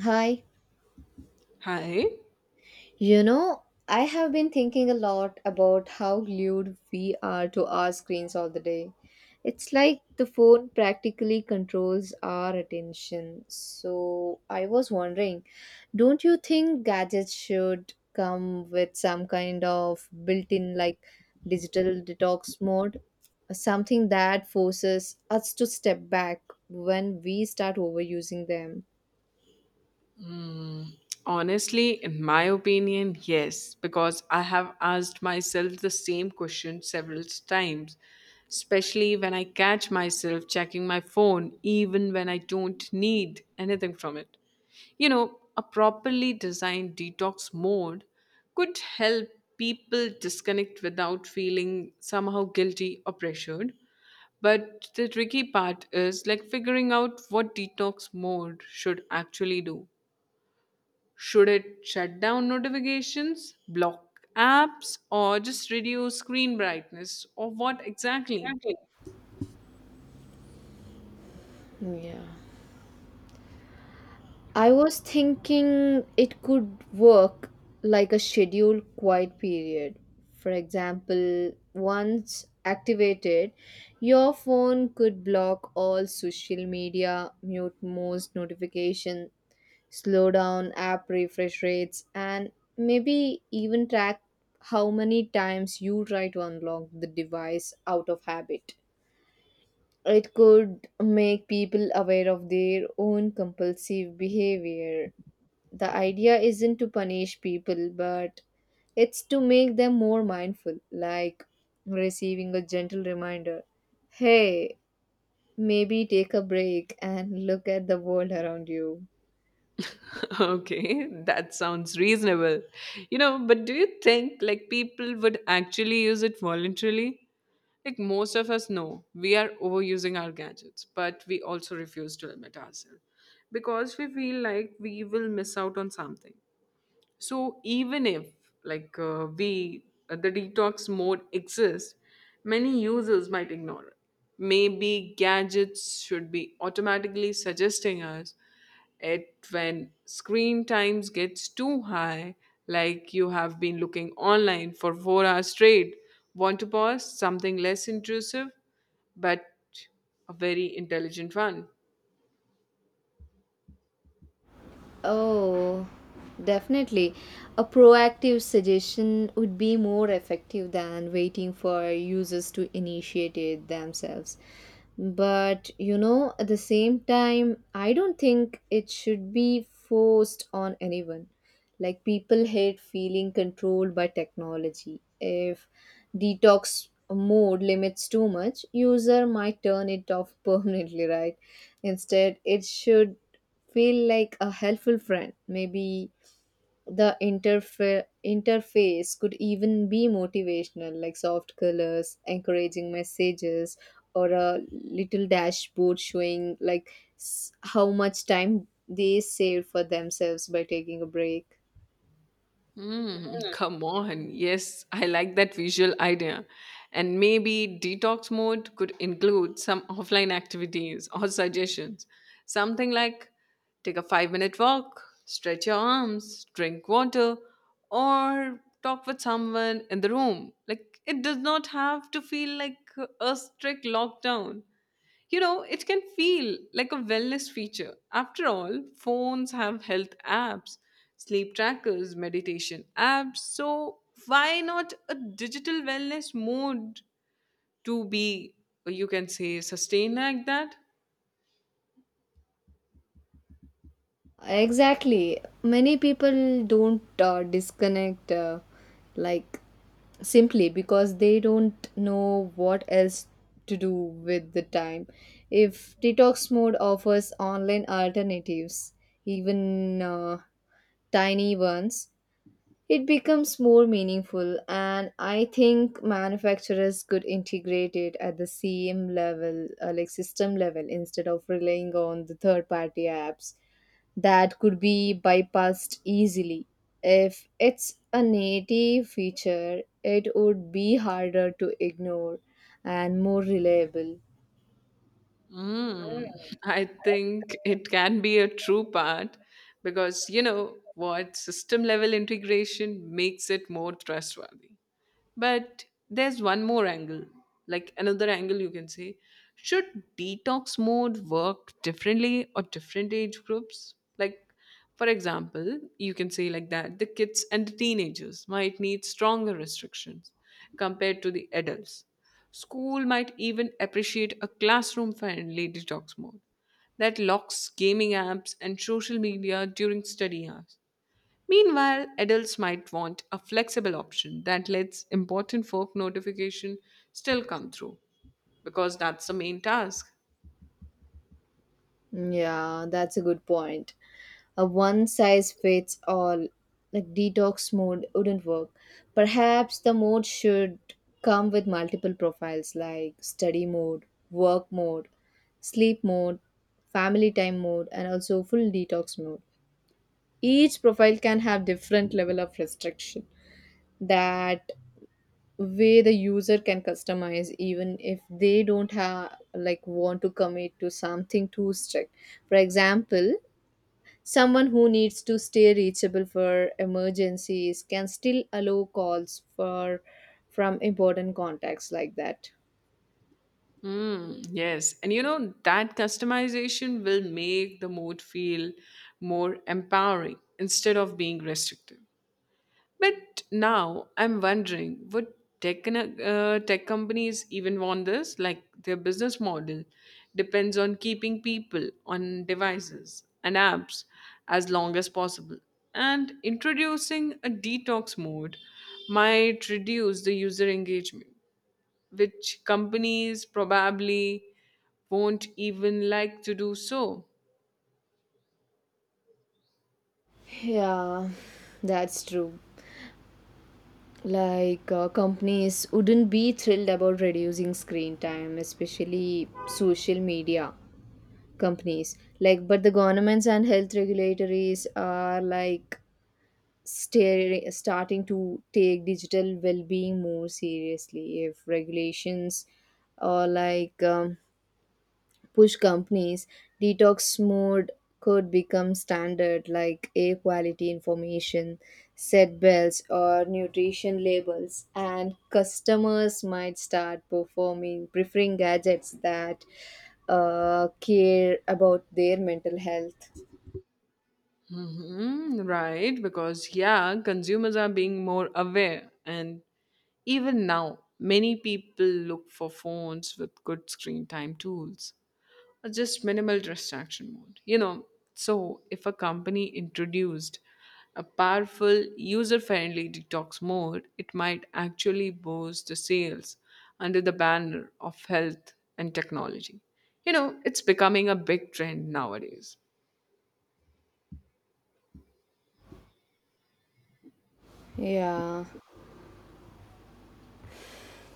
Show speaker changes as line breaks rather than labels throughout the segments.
Hi.
Hi.
You know, I have been thinking a lot about how glued we are to our screens all the day. It's like the phone practically controls our attention. So I was wondering, don't you think gadgets should come with some kind of built in digital detox mode? Something that forces us to step back when we start overusing them.
Honestly, in my opinion, yes, because I have asked myself the same question several times, especially when I catch myself checking my phone, even when I don't need anything from it. You know, a properly designed detox mode could help people disconnect without feeling somehow guilty or pressured. But the tricky part is like figuring out what detox mode should actually do. Should it shut down notifications, block apps, or just reduce screen brightness? Or what exactly?
Exactly. Yeah. I was thinking it could work like a scheduled quiet period. For example, once activated, your phone could block all social media, mute most notifications, slow down app refresh rates, and maybe even track how many times you try to unlock the device out of habit. It could make people aware of their own compulsive behavior. The idea isn't to punish people, but it's to make them more mindful, like receiving a gentle reminder: hey, maybe take a break and look at the world around you.
Okay, that sounds reasonable. You know, but do you think like people would actually use it voluntarily? Like most of us know, we are overusing our gadgets, but we also refuse to limit ourselves because we feel like we will miss out on something. So even if like we the detox mode exists, many users might ignore it. Maybe gadgets should be automatically suggesting us it when screen times gets too high, like you have been looking online for 4 hours straight. Want to pause something less intrusive, but a very intelligent one.
Oh, definitely. A proactive suggestion would be more effective than waiting for users to initiate it themselves. But at the same time, I don't think it should be forced on anyone. Like, people hate feeling controlled by technology. If detox mode limits too much, user might turn it off permanently, right? Instead, it should feel like a helpful friend. Maybe the interface could even be motivational, like soft colors, encouraging messages, or a little dashboard showing how much time they saved for themselves by taking a break.
Mm, come on. Yes, I like that visual idea. And maybe detox mode could include some offline activities or suggestions. Something like take a 5 minute walk, stretch your arms, drink water, or talk with someone in the room. Like, it does not have to feel like a strict lockdown. You know, it can feel like a wellness feature. After all, phones have health apps, sleep trackers, meditation apps. So, why not a digital wellness mode to be, you can say, sustained like that?
Exactly. Many people don't disconnect like simply because they don't know what else to do with the time. If detox mode offers online alternatives, even tiny ones, it becomes more meaningful, and I think manufacturers could integrate it at the cm level, like system level, instead of relying on the third party apps that could be bypassed easily. If it's a native feature, it would be harder to ignore and more reliable.
Mm, I think it can be a true part because, you know, what system level integration makes it more trustworthy. But there's one more angle, like another angle you can say. Should detox mode work differently or different age groups? Like, for example, you can say like that the kids and the teenagers might need stronger restrictions compared to the adults. School might even appreciate a classroom friendly detox mode that locks gaming apps and social media during study hours. Meanwhile, adults might want a flexible option that lets important work notification still come through because that's the main task.
Yeah, that's a good point. A one size fits all, like, detox mode wouldn't work. Perhaps the mode should come with multiple profiles like study mode, work mode, sleep mode, family time mode, and also full detox mode. Each profile can have different level of restriction. That way the user can customize even if they don't have like want to commit to something too strict. For example, someone who needs to stay reachable for emergencies can still allow calls for from important contacts like that.
Mm, yes, and you know that customization will make the mode feel more empowering instead of being restrictive. But now I'm wondering would tech companies even want this? Like their business model depends on keeping people on devices and apps as long as possible. And introducing a detox mode might reduce the user engagement, which companies probably won't even like to do so.
Yeah, that's true. Like, companies wouldn't be thrilled about reducing screen time, especially social media companies. Like, but the governments and health regulatories are like starting to take digital well-being more seriously. If regulations or push companies, detox mode could become standard, like air quality information, set belts, or nutrition labels. And customers might start performing preferring gadgets that care about their mental health.
Mhm, right, because yeah, consumers are being more aware and even now, many people look for phones with good screen time tools or just minimal distraction mode. You know, so if a company introduced a powerful user friendly detox mode, it might actually boost the sales under the banner of health and technology. You know, it's becoming a big trend nowadays.
Yeah.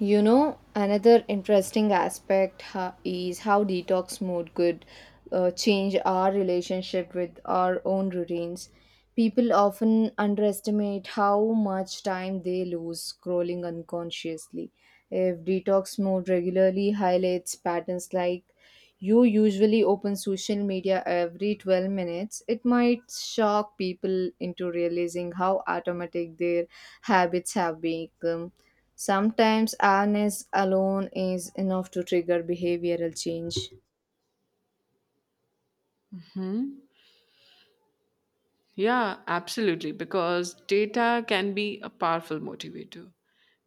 Another interesting aspect is how detox mode could change our relationship with our own routines. People often underestimate how much time they lose scrolling unconsciously. If detox mode regularly highlights patterns like you usually open social media every 12 minutes, it might shock people into realizing how automatic their habits have become. Sometimes awareness alone is enough to trigger behavioral change.
Yeah, absolutely, because data can be a powerful motivator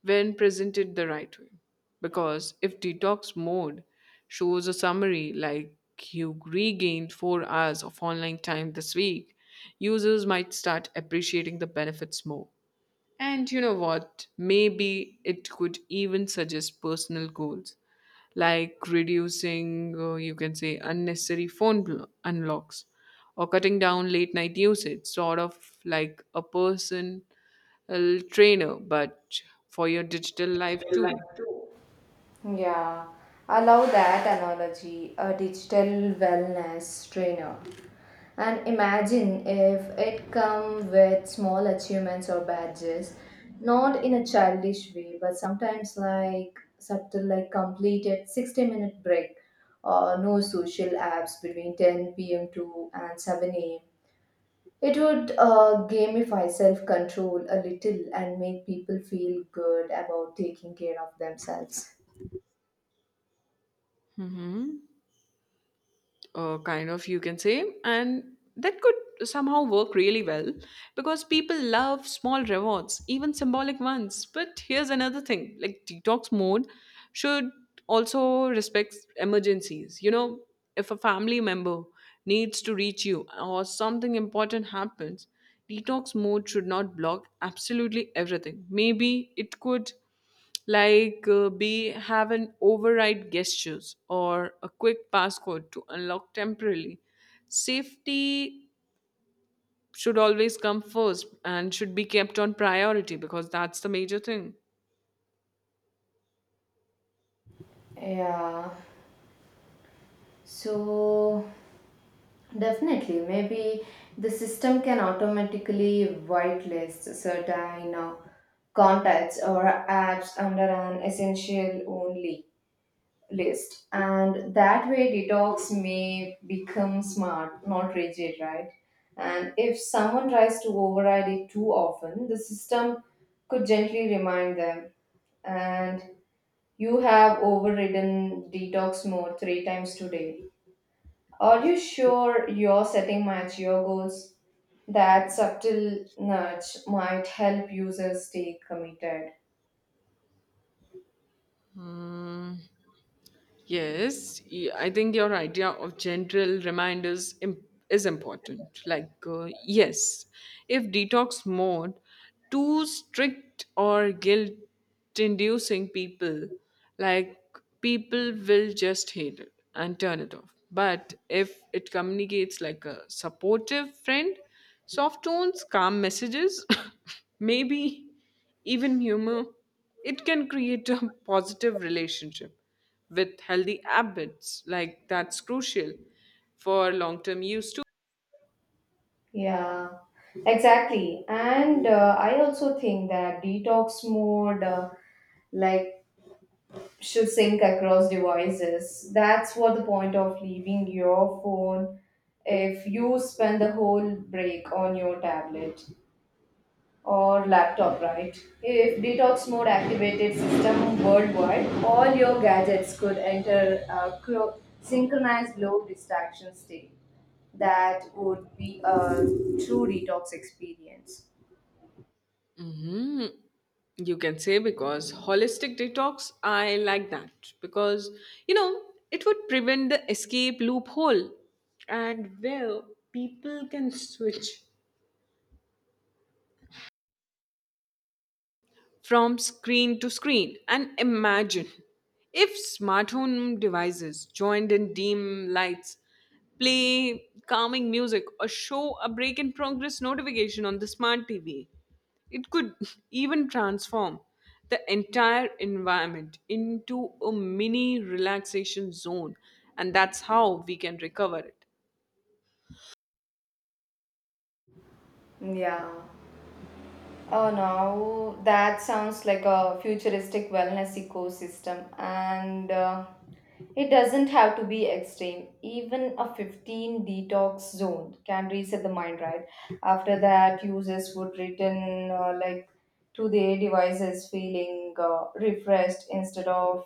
when presented the right way. Because if detox mode shows a summary like you regained 4 hours of online time this week, users might start appreciating the benefits more. And you know what? Maybe it could even suggest personal goals like reducing, you can say, unnecessary phone unlocks or cutting down late night usage, sort of like a personal trainer, but for your digital life
Like
too.
Yeah, I love that analogy, a digital wellness trainer. And imagine if it come with small achievements or badges, not in a childish way, but sometimes like subtle, like completed 60-minute break or no social apps between 10 p.m. to and 7 a.m. It would gamify self control a little and make people feel good about taking care of themselves.
Mhm, kind of you can say, and that could somehow work really well because people love small rewards, even symbolic ones. But here's another thing, like detox mode should also respect emergencies. You know, if a family member needs to reach you or something important happens, detox mode should not block absolutely everything. Maybe it could like B have an override gestures or a quick passcode to unlock temporarily. Safety should always come first and should be kept on priority because that's the major thing.
Yeah, so definitely, maybe the system can automatically whitelist certain contacts or apps under an essential only list. And that way, detox may become smart, not rigid, right? And if someone tries to override it too often, the system could gently remind them: and you have overridden detox mode three times today, are you sure your setting match your goals? That subtle nudge might help users stay committed.
Yes, I think your idea of general reminders is important. Like, yes, if detox mode too strict or guilt inducing people, like people will just hate it and turn it off. But if it communicates like a supportive friend, soft tones, calm messages, maybe even humor, it can create a positive relationship with healthy habits. Like that's crucial for long term use too.
Yeah, exactly. And I also think that detox mode, like should sync across devices. That's what the point of leaving your phone if you spend the whole break on your tablet or laptop, right? If detox mode activated system worldwide, all your gadgets could enter a synchronized low distraction state. That would be a true detox experience.
Mhm. You can say because holistic detox, I like that because you know it would prevent the escape loophole and where people can switch from screen to screen. And imagine if smart home devices joined in dim lights, play calming music, or show a break in progress notification on the smart TV. It could even transform the entire environment into a mini relaxation zone, and that's how we can recover it.
Yeah. Oh, now that sounds like a futuristic wellness ecosystem, and it doesn't have to be extreme. Even a 15 detox zone can reset the mind, right? After that, users would return to their devices feeling refreshed instead of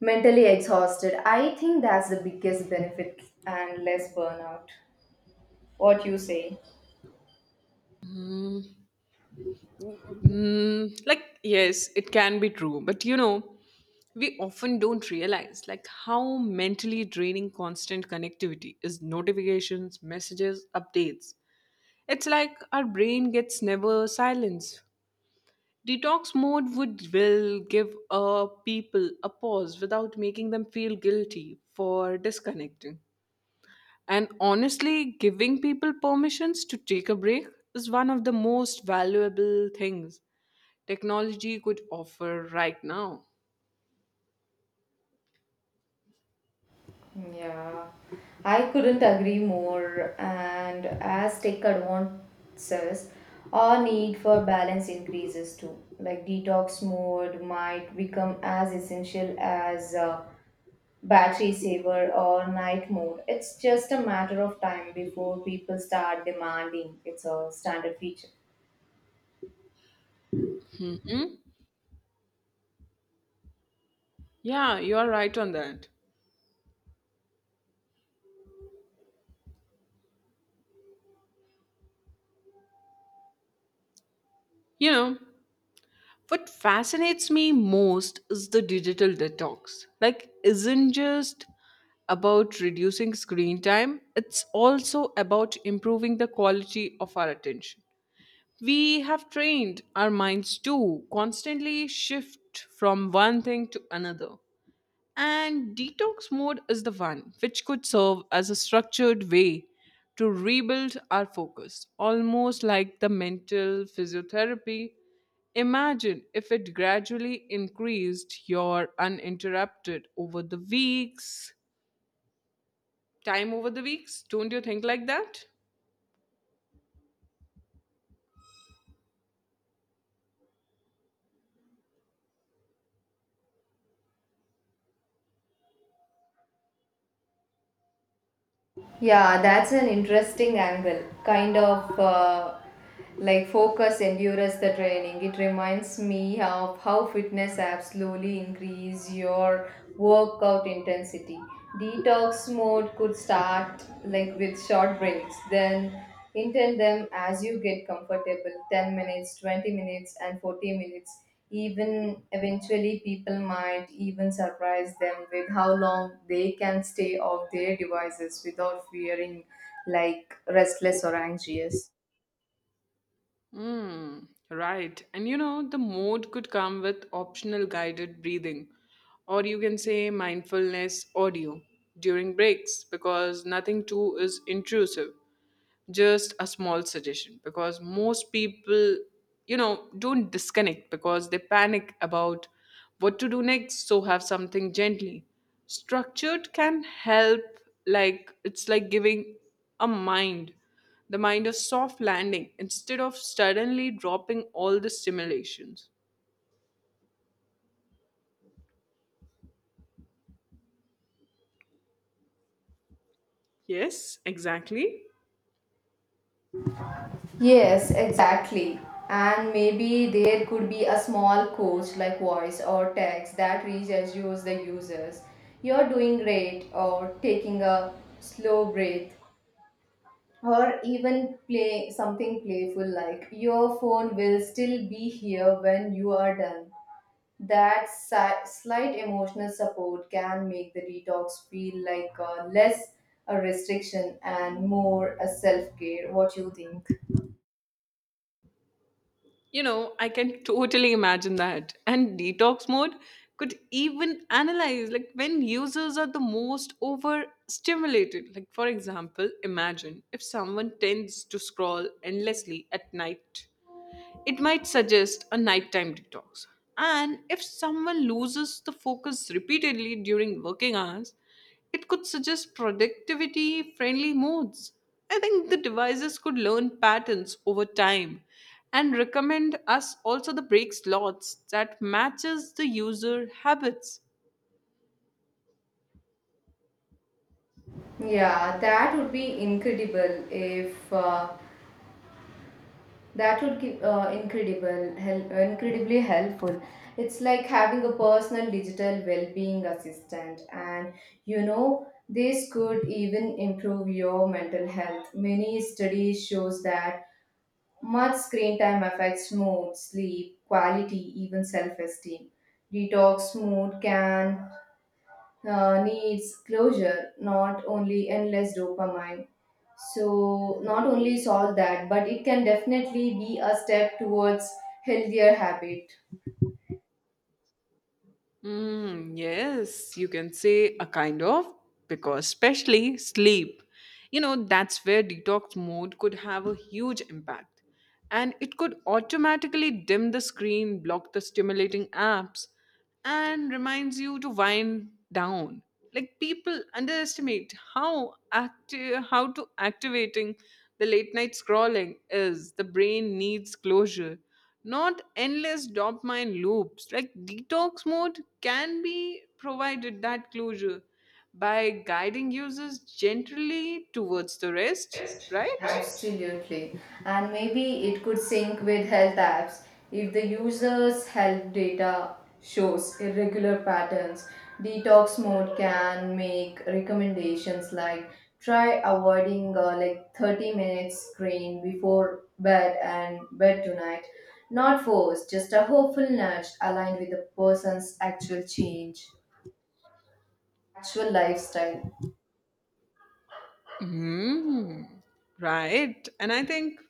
mentally exhausted. I think that's the biggest benefit and less burnout. What you say?
Mm, like, yes, it can be true, but you know, we often don't realize like how mentally draining constant connectivity is. Notifications, messages, updates, it's like our brain gets never silenced. Detox mode would will give people a pause without making them feel guilty for disconnecting, and honestly giving people permissions to take a break is one of the most valuable things technology could offer right now.
Yeah, I couldn't agree more. And as tech advances, our need for balance increases too. Like detox mode might become as essential as battery saver or night mode. It's just a matter of time before people start demanding it's a standard feature.
Hmm? Yeah, you're right on that. You know, what fascinates me most is the digital detox. Like, isn't just about reducing screen time, it's also about improving the quality of our attention. We have trained our minds to constantly shift from one thing to another. And detox mode is the one which could serve as a structured way to rebuild our focus, almost like the mental physiotherapy. Imagine if it gradually increased your uninterrupted over the weeks, time over the weeks. Don't you think like that?
Yeah, that's an interesting angle. Kind of, focus endures the training. It reminds me of how fitness apps slowly increase your workout intensity. Detox mode could start like with short breaks, then intend them as you get comfortable, 10 minutes, 20 minutes, and 40 minutes even. Eventually people might even surprise them with how long they can stay off their devices without fearing like restless or anxious.
Mm, right. And you know, the mode could come with optional guided breathing, or you can say mindfulness audio during breaks, because nothing too is intrusive, just a small suggestion, because most people, you know, don't disconnect because they panic about what to do next. So have something gently structured can help. Like it's like giving a mind the mind a soft landing instead of suddenly dropping all the stimulations. Yes, exactly.
Yes, exactly. And maybe there could be a small coach like voice or text that reaches you as the users: you're doing great, or taking a slow breath, or even play something playful like your phone will still be here when you are done. That slight emotional support can make the detox feel like, less a restriction and more a self care. What you think?
You know, I can totally imagine that. And detox mode could even analyze like when users are the most overstimulated. Like, for example, imagine if someone tends to scroll endlessly at night, it might suggest a nighttime detox. And if someone loses the focus repeatedly during working hours, it could suggest productivity friendly modes. I think the devices could learn patterns over time and recommend us also the break slots that matches the user habits.
Yeah, that would be incredible if that would give incredible help, incredibly helpful. It's like having a personal digital well-being assistant, and you know this could even improve your mental health. Many studies shows that much screen time affects mood, sleep, quality, even self esteem. Detox mood can, needs closure, not only endless dopamine. So, not only solve that, but it can definitely be a step towards healthier habit.
Mm, yes, you can say a kind of, because especially sleep. You know, that's where detox mode could have a huge impact. And it could automatically dim the screen, block the stimulating apps, and reminds you to wind down. Like people underestimate how active how to activating the late night scrolling is. The brain needs closure, not endless dopamine loops. Like detox mode can be provided that closure by guiding users gently towards the rest,
Best, right?
right?
Absolutely. And maybe it could sync with health apps if the user's health data shows irregular patterns. Detox mode can make recommendations like try avoiding 30 minutes screen before bed and bed tonight. Not forced, just a hopeful nudge aligned with the person's actual lifestyle.
Hmm. Right. And I think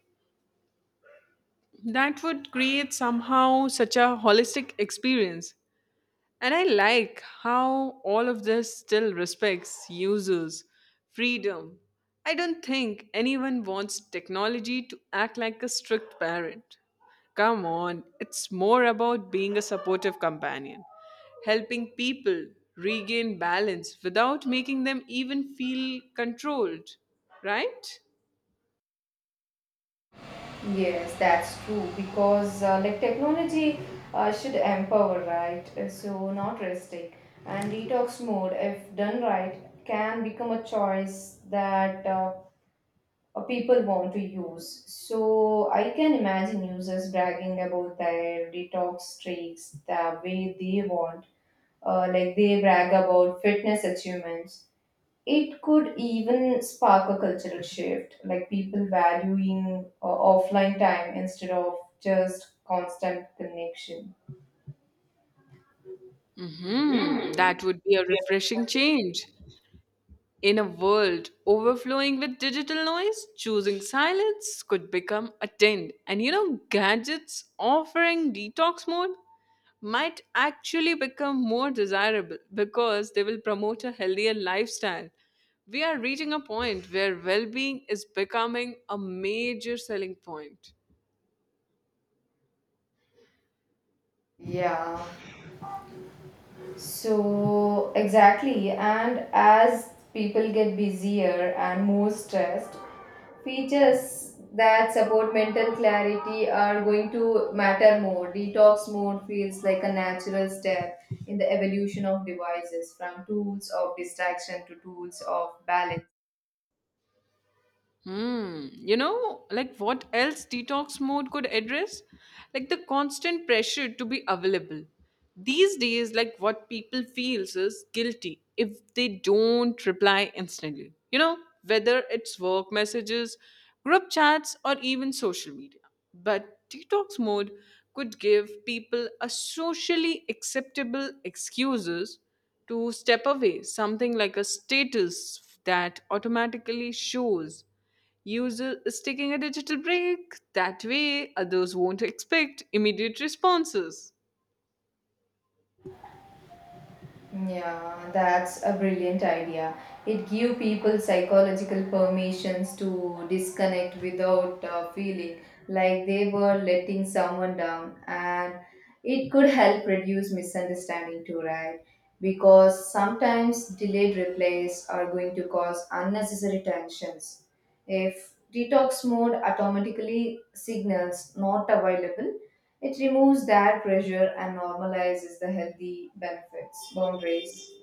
that would create somehow such a holistic experience. And I like how all of this still respects users' freedom. I don't think anyone wants technology to act like a strict parent. Come on, it's more about being a supportive companion, helping people regain balance without making them even feel controlled, right?
Yes, that's true because technology should empower, right? So not restrict. And detox mode, if done right, can become a choice that people want to use. So I can imagine users bragging about their detox streaks the way they want, like they brag about fitness achievements. It could even spark a cultural shift, like people valuing offline time instead of just constant connection.
Hmm, that would be a refreshing change. In a world overflowing with digital noise, choosing silence could become a trend. And you know, gadgets offering detox mode might actually become more desirable because they will promote a healthier lifestyle. We are reaching a point where well being is becoming a major selling point.
Yeah, so exactly. And as people get busier and more stressed, features that support mental clarity are going to matter more. Detox mode feels like a natural step in the evolution of devices from tools of distraction to tools of balance.
Hmm. You know, like what else detox mode could address? Like the constant pressure to be available. These days, like what people feels is guilty if they don't reply instantly. You know, whether it's work messages, group chats, or even social media. But detox mode could give people a socially acceptable excuses to step away, something like a status that automatically shows. Use sticking a digital break. That way, others won't expect immediate responses.
Yeah, that's a brilliant idea. It give people psychological permissions to disconnect without feeling like they were letting someone down, and it could help reduce misunderstanding too, right? Because sometimes delayed replies are going to cause unnecessary tensions. If detox mode automatically signals not available, it removes that pressure and normalizes the healthy benefits, boundaries.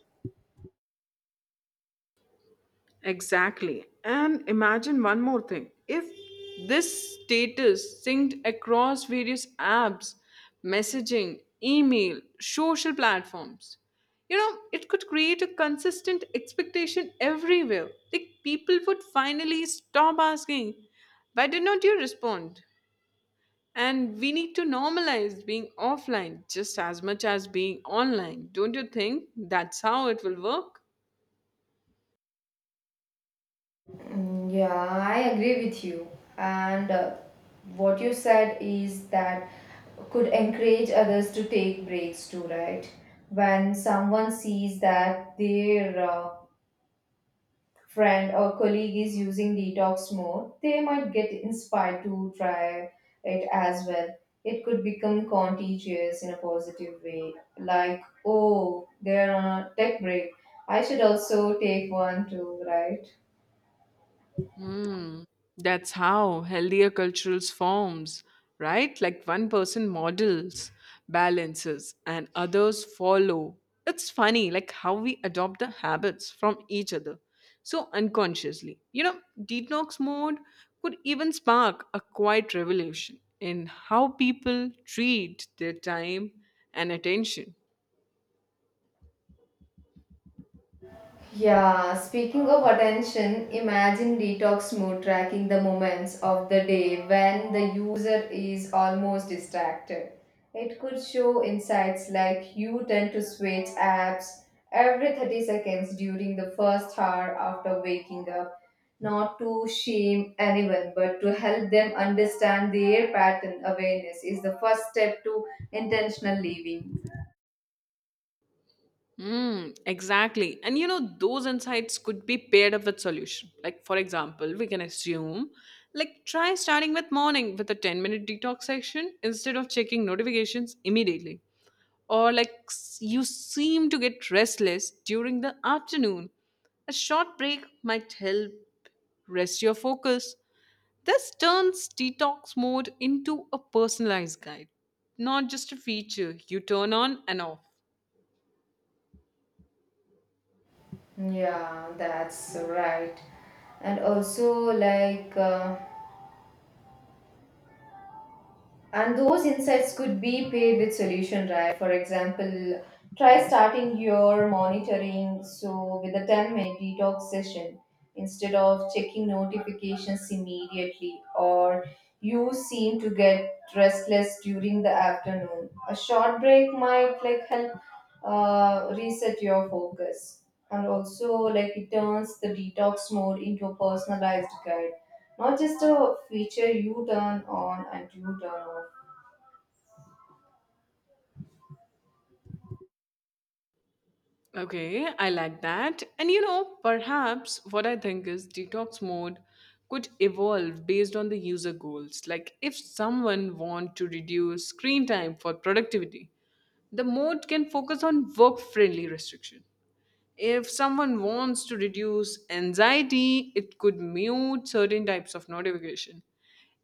Exactly. And imagine one more thing. If this status synced across various apps, messaging, email, social platforms. You know, it could create a consistent expectation everywhere. Like people would finally stop asking, why did not you respond? And we need to normalize being offline just as much as being online. Don't you think that's how it will work?
Mm, yeah, I agree with you. And what you said is that could encourage others to take breaks too, right? When someone sees that their friend or colleague is using detox mode, they might get inspired to try it as well. It could become contagious in a positive way, like, oh, they're on a tech break. I should also take one too, right?
Hmm. That's how healthier cultures forms, right? Like one person models balances and others follow. It's funny, like how we adopt the habits from each other so unconsciously. You know, detox mode could even spark a quiet revolution in how people treat their time and attention.
Yeah, speaking of attention, imagine detox mode tracking the moments of the day when the user is almost distracted. It could show insights like you tend to switch apps every 30 seconds during the first hour after waking up, not to shame anyone, but to help them understand their pattern. Awareness is the first step to intentional living.
Mm, exactly. And you know, those insights could be paired up with solution. Like for example, we can assume like try starting with morning with a 10-minute detox session instead of checking notifications immediately. Or like you seem to get restless during the afternoon. A short break might help rest your focus. This turns detox mode into a personalized guide, not just a feature you turn on and off.
Yeah, that's right. And also, like, And those insights could be paired with solution, right? For example, try starting your monitoring so with a 10-minute detox session instead of checking notifications immediately, or you seem to get restless during the afternoon. A short break might like help reset your focus. And also like it turns the detox mode into a personalized guide, not just a feature you turn on and you turn off.
Okay, I like that. And you know, perhaps what I think is detox mode could evolve based on the user goals. Like if someone want to reduce screen time for productivity, the mode can focus on work-friendly restriction. If someone wants to reduce anxiety, it could mute certain types of notification.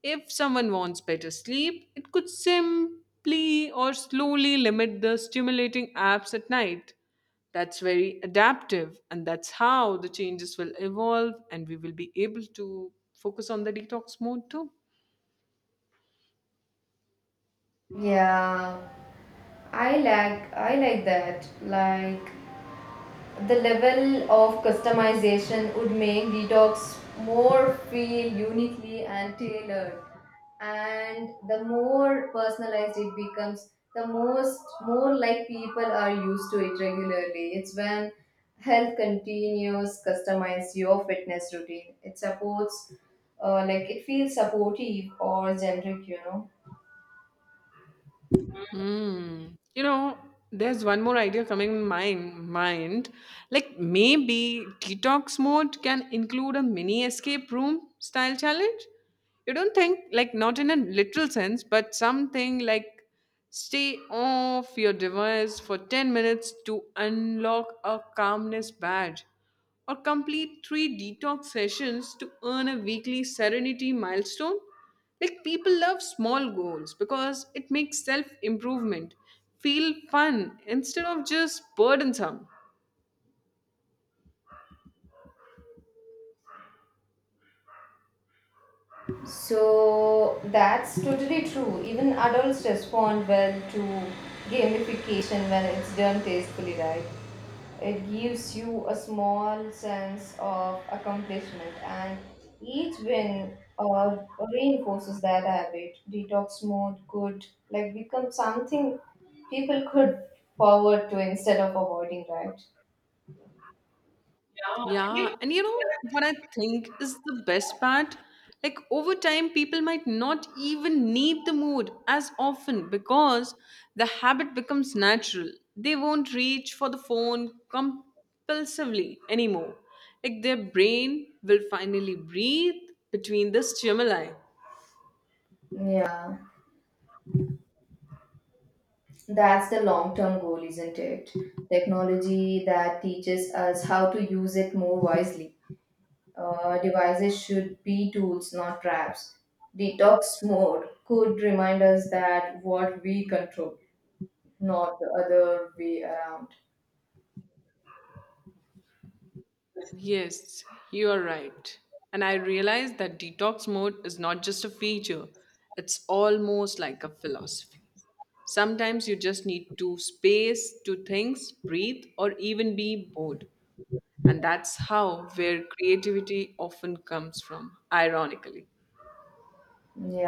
If someone wants better sleep, it could simply or slowly limit the stimulating apps at night. That's very adaptive, and that's how the changes will evolve, and we will be able to focus on the detox mode too.
Yeah, I like that. Like the level of customization would make detox more feel uniquely and tailored. And the more personalized it becomes, the most more like people are used to it regularly. It's when health continues customize your fitness routine. It supports it feels supportive or generic, you know.
Hmm. You know, there's one more idea coming in my mind. Like maybe detox mode can include a mini escape room style challenge. You don't think like not in a literal sense, but something like stay off your device for 10 minutes to unlock a calmness badge or complete three detox sessions to earn a weekly serenity milestone. Like people love small goals because it makes self improvement feel fun instead of just burdensome.
So that's totally true. Even adults respond well to gamification when it's done tastefully, right? It gives you a small sense of accomplishment, and each win reinforces that habit. Detox mode could like become something people could forward to instead of avoiding, right?
Yeah,
Yeah.
and you know what I think is the best part? Like over time, people might not even need the mood as often because the habit becomes natural. They won't reach for the phone compulsively anymore. Like their brain will finally breathe between the stimuli.
Yeah. That's the long term goal, isn't it? Technology that teaches us how to use it more wisely. Devices should be tools, not traps. Detox mode could remind us that what we control, not the other way around.
Yes, you are right. And I realize that detox mode is not just a feature, it's almost like a philosophy. Sometimes you just need to space, to things, breathe, or even be bored. And that's how where creativity often comes from, ironically.
Yeah.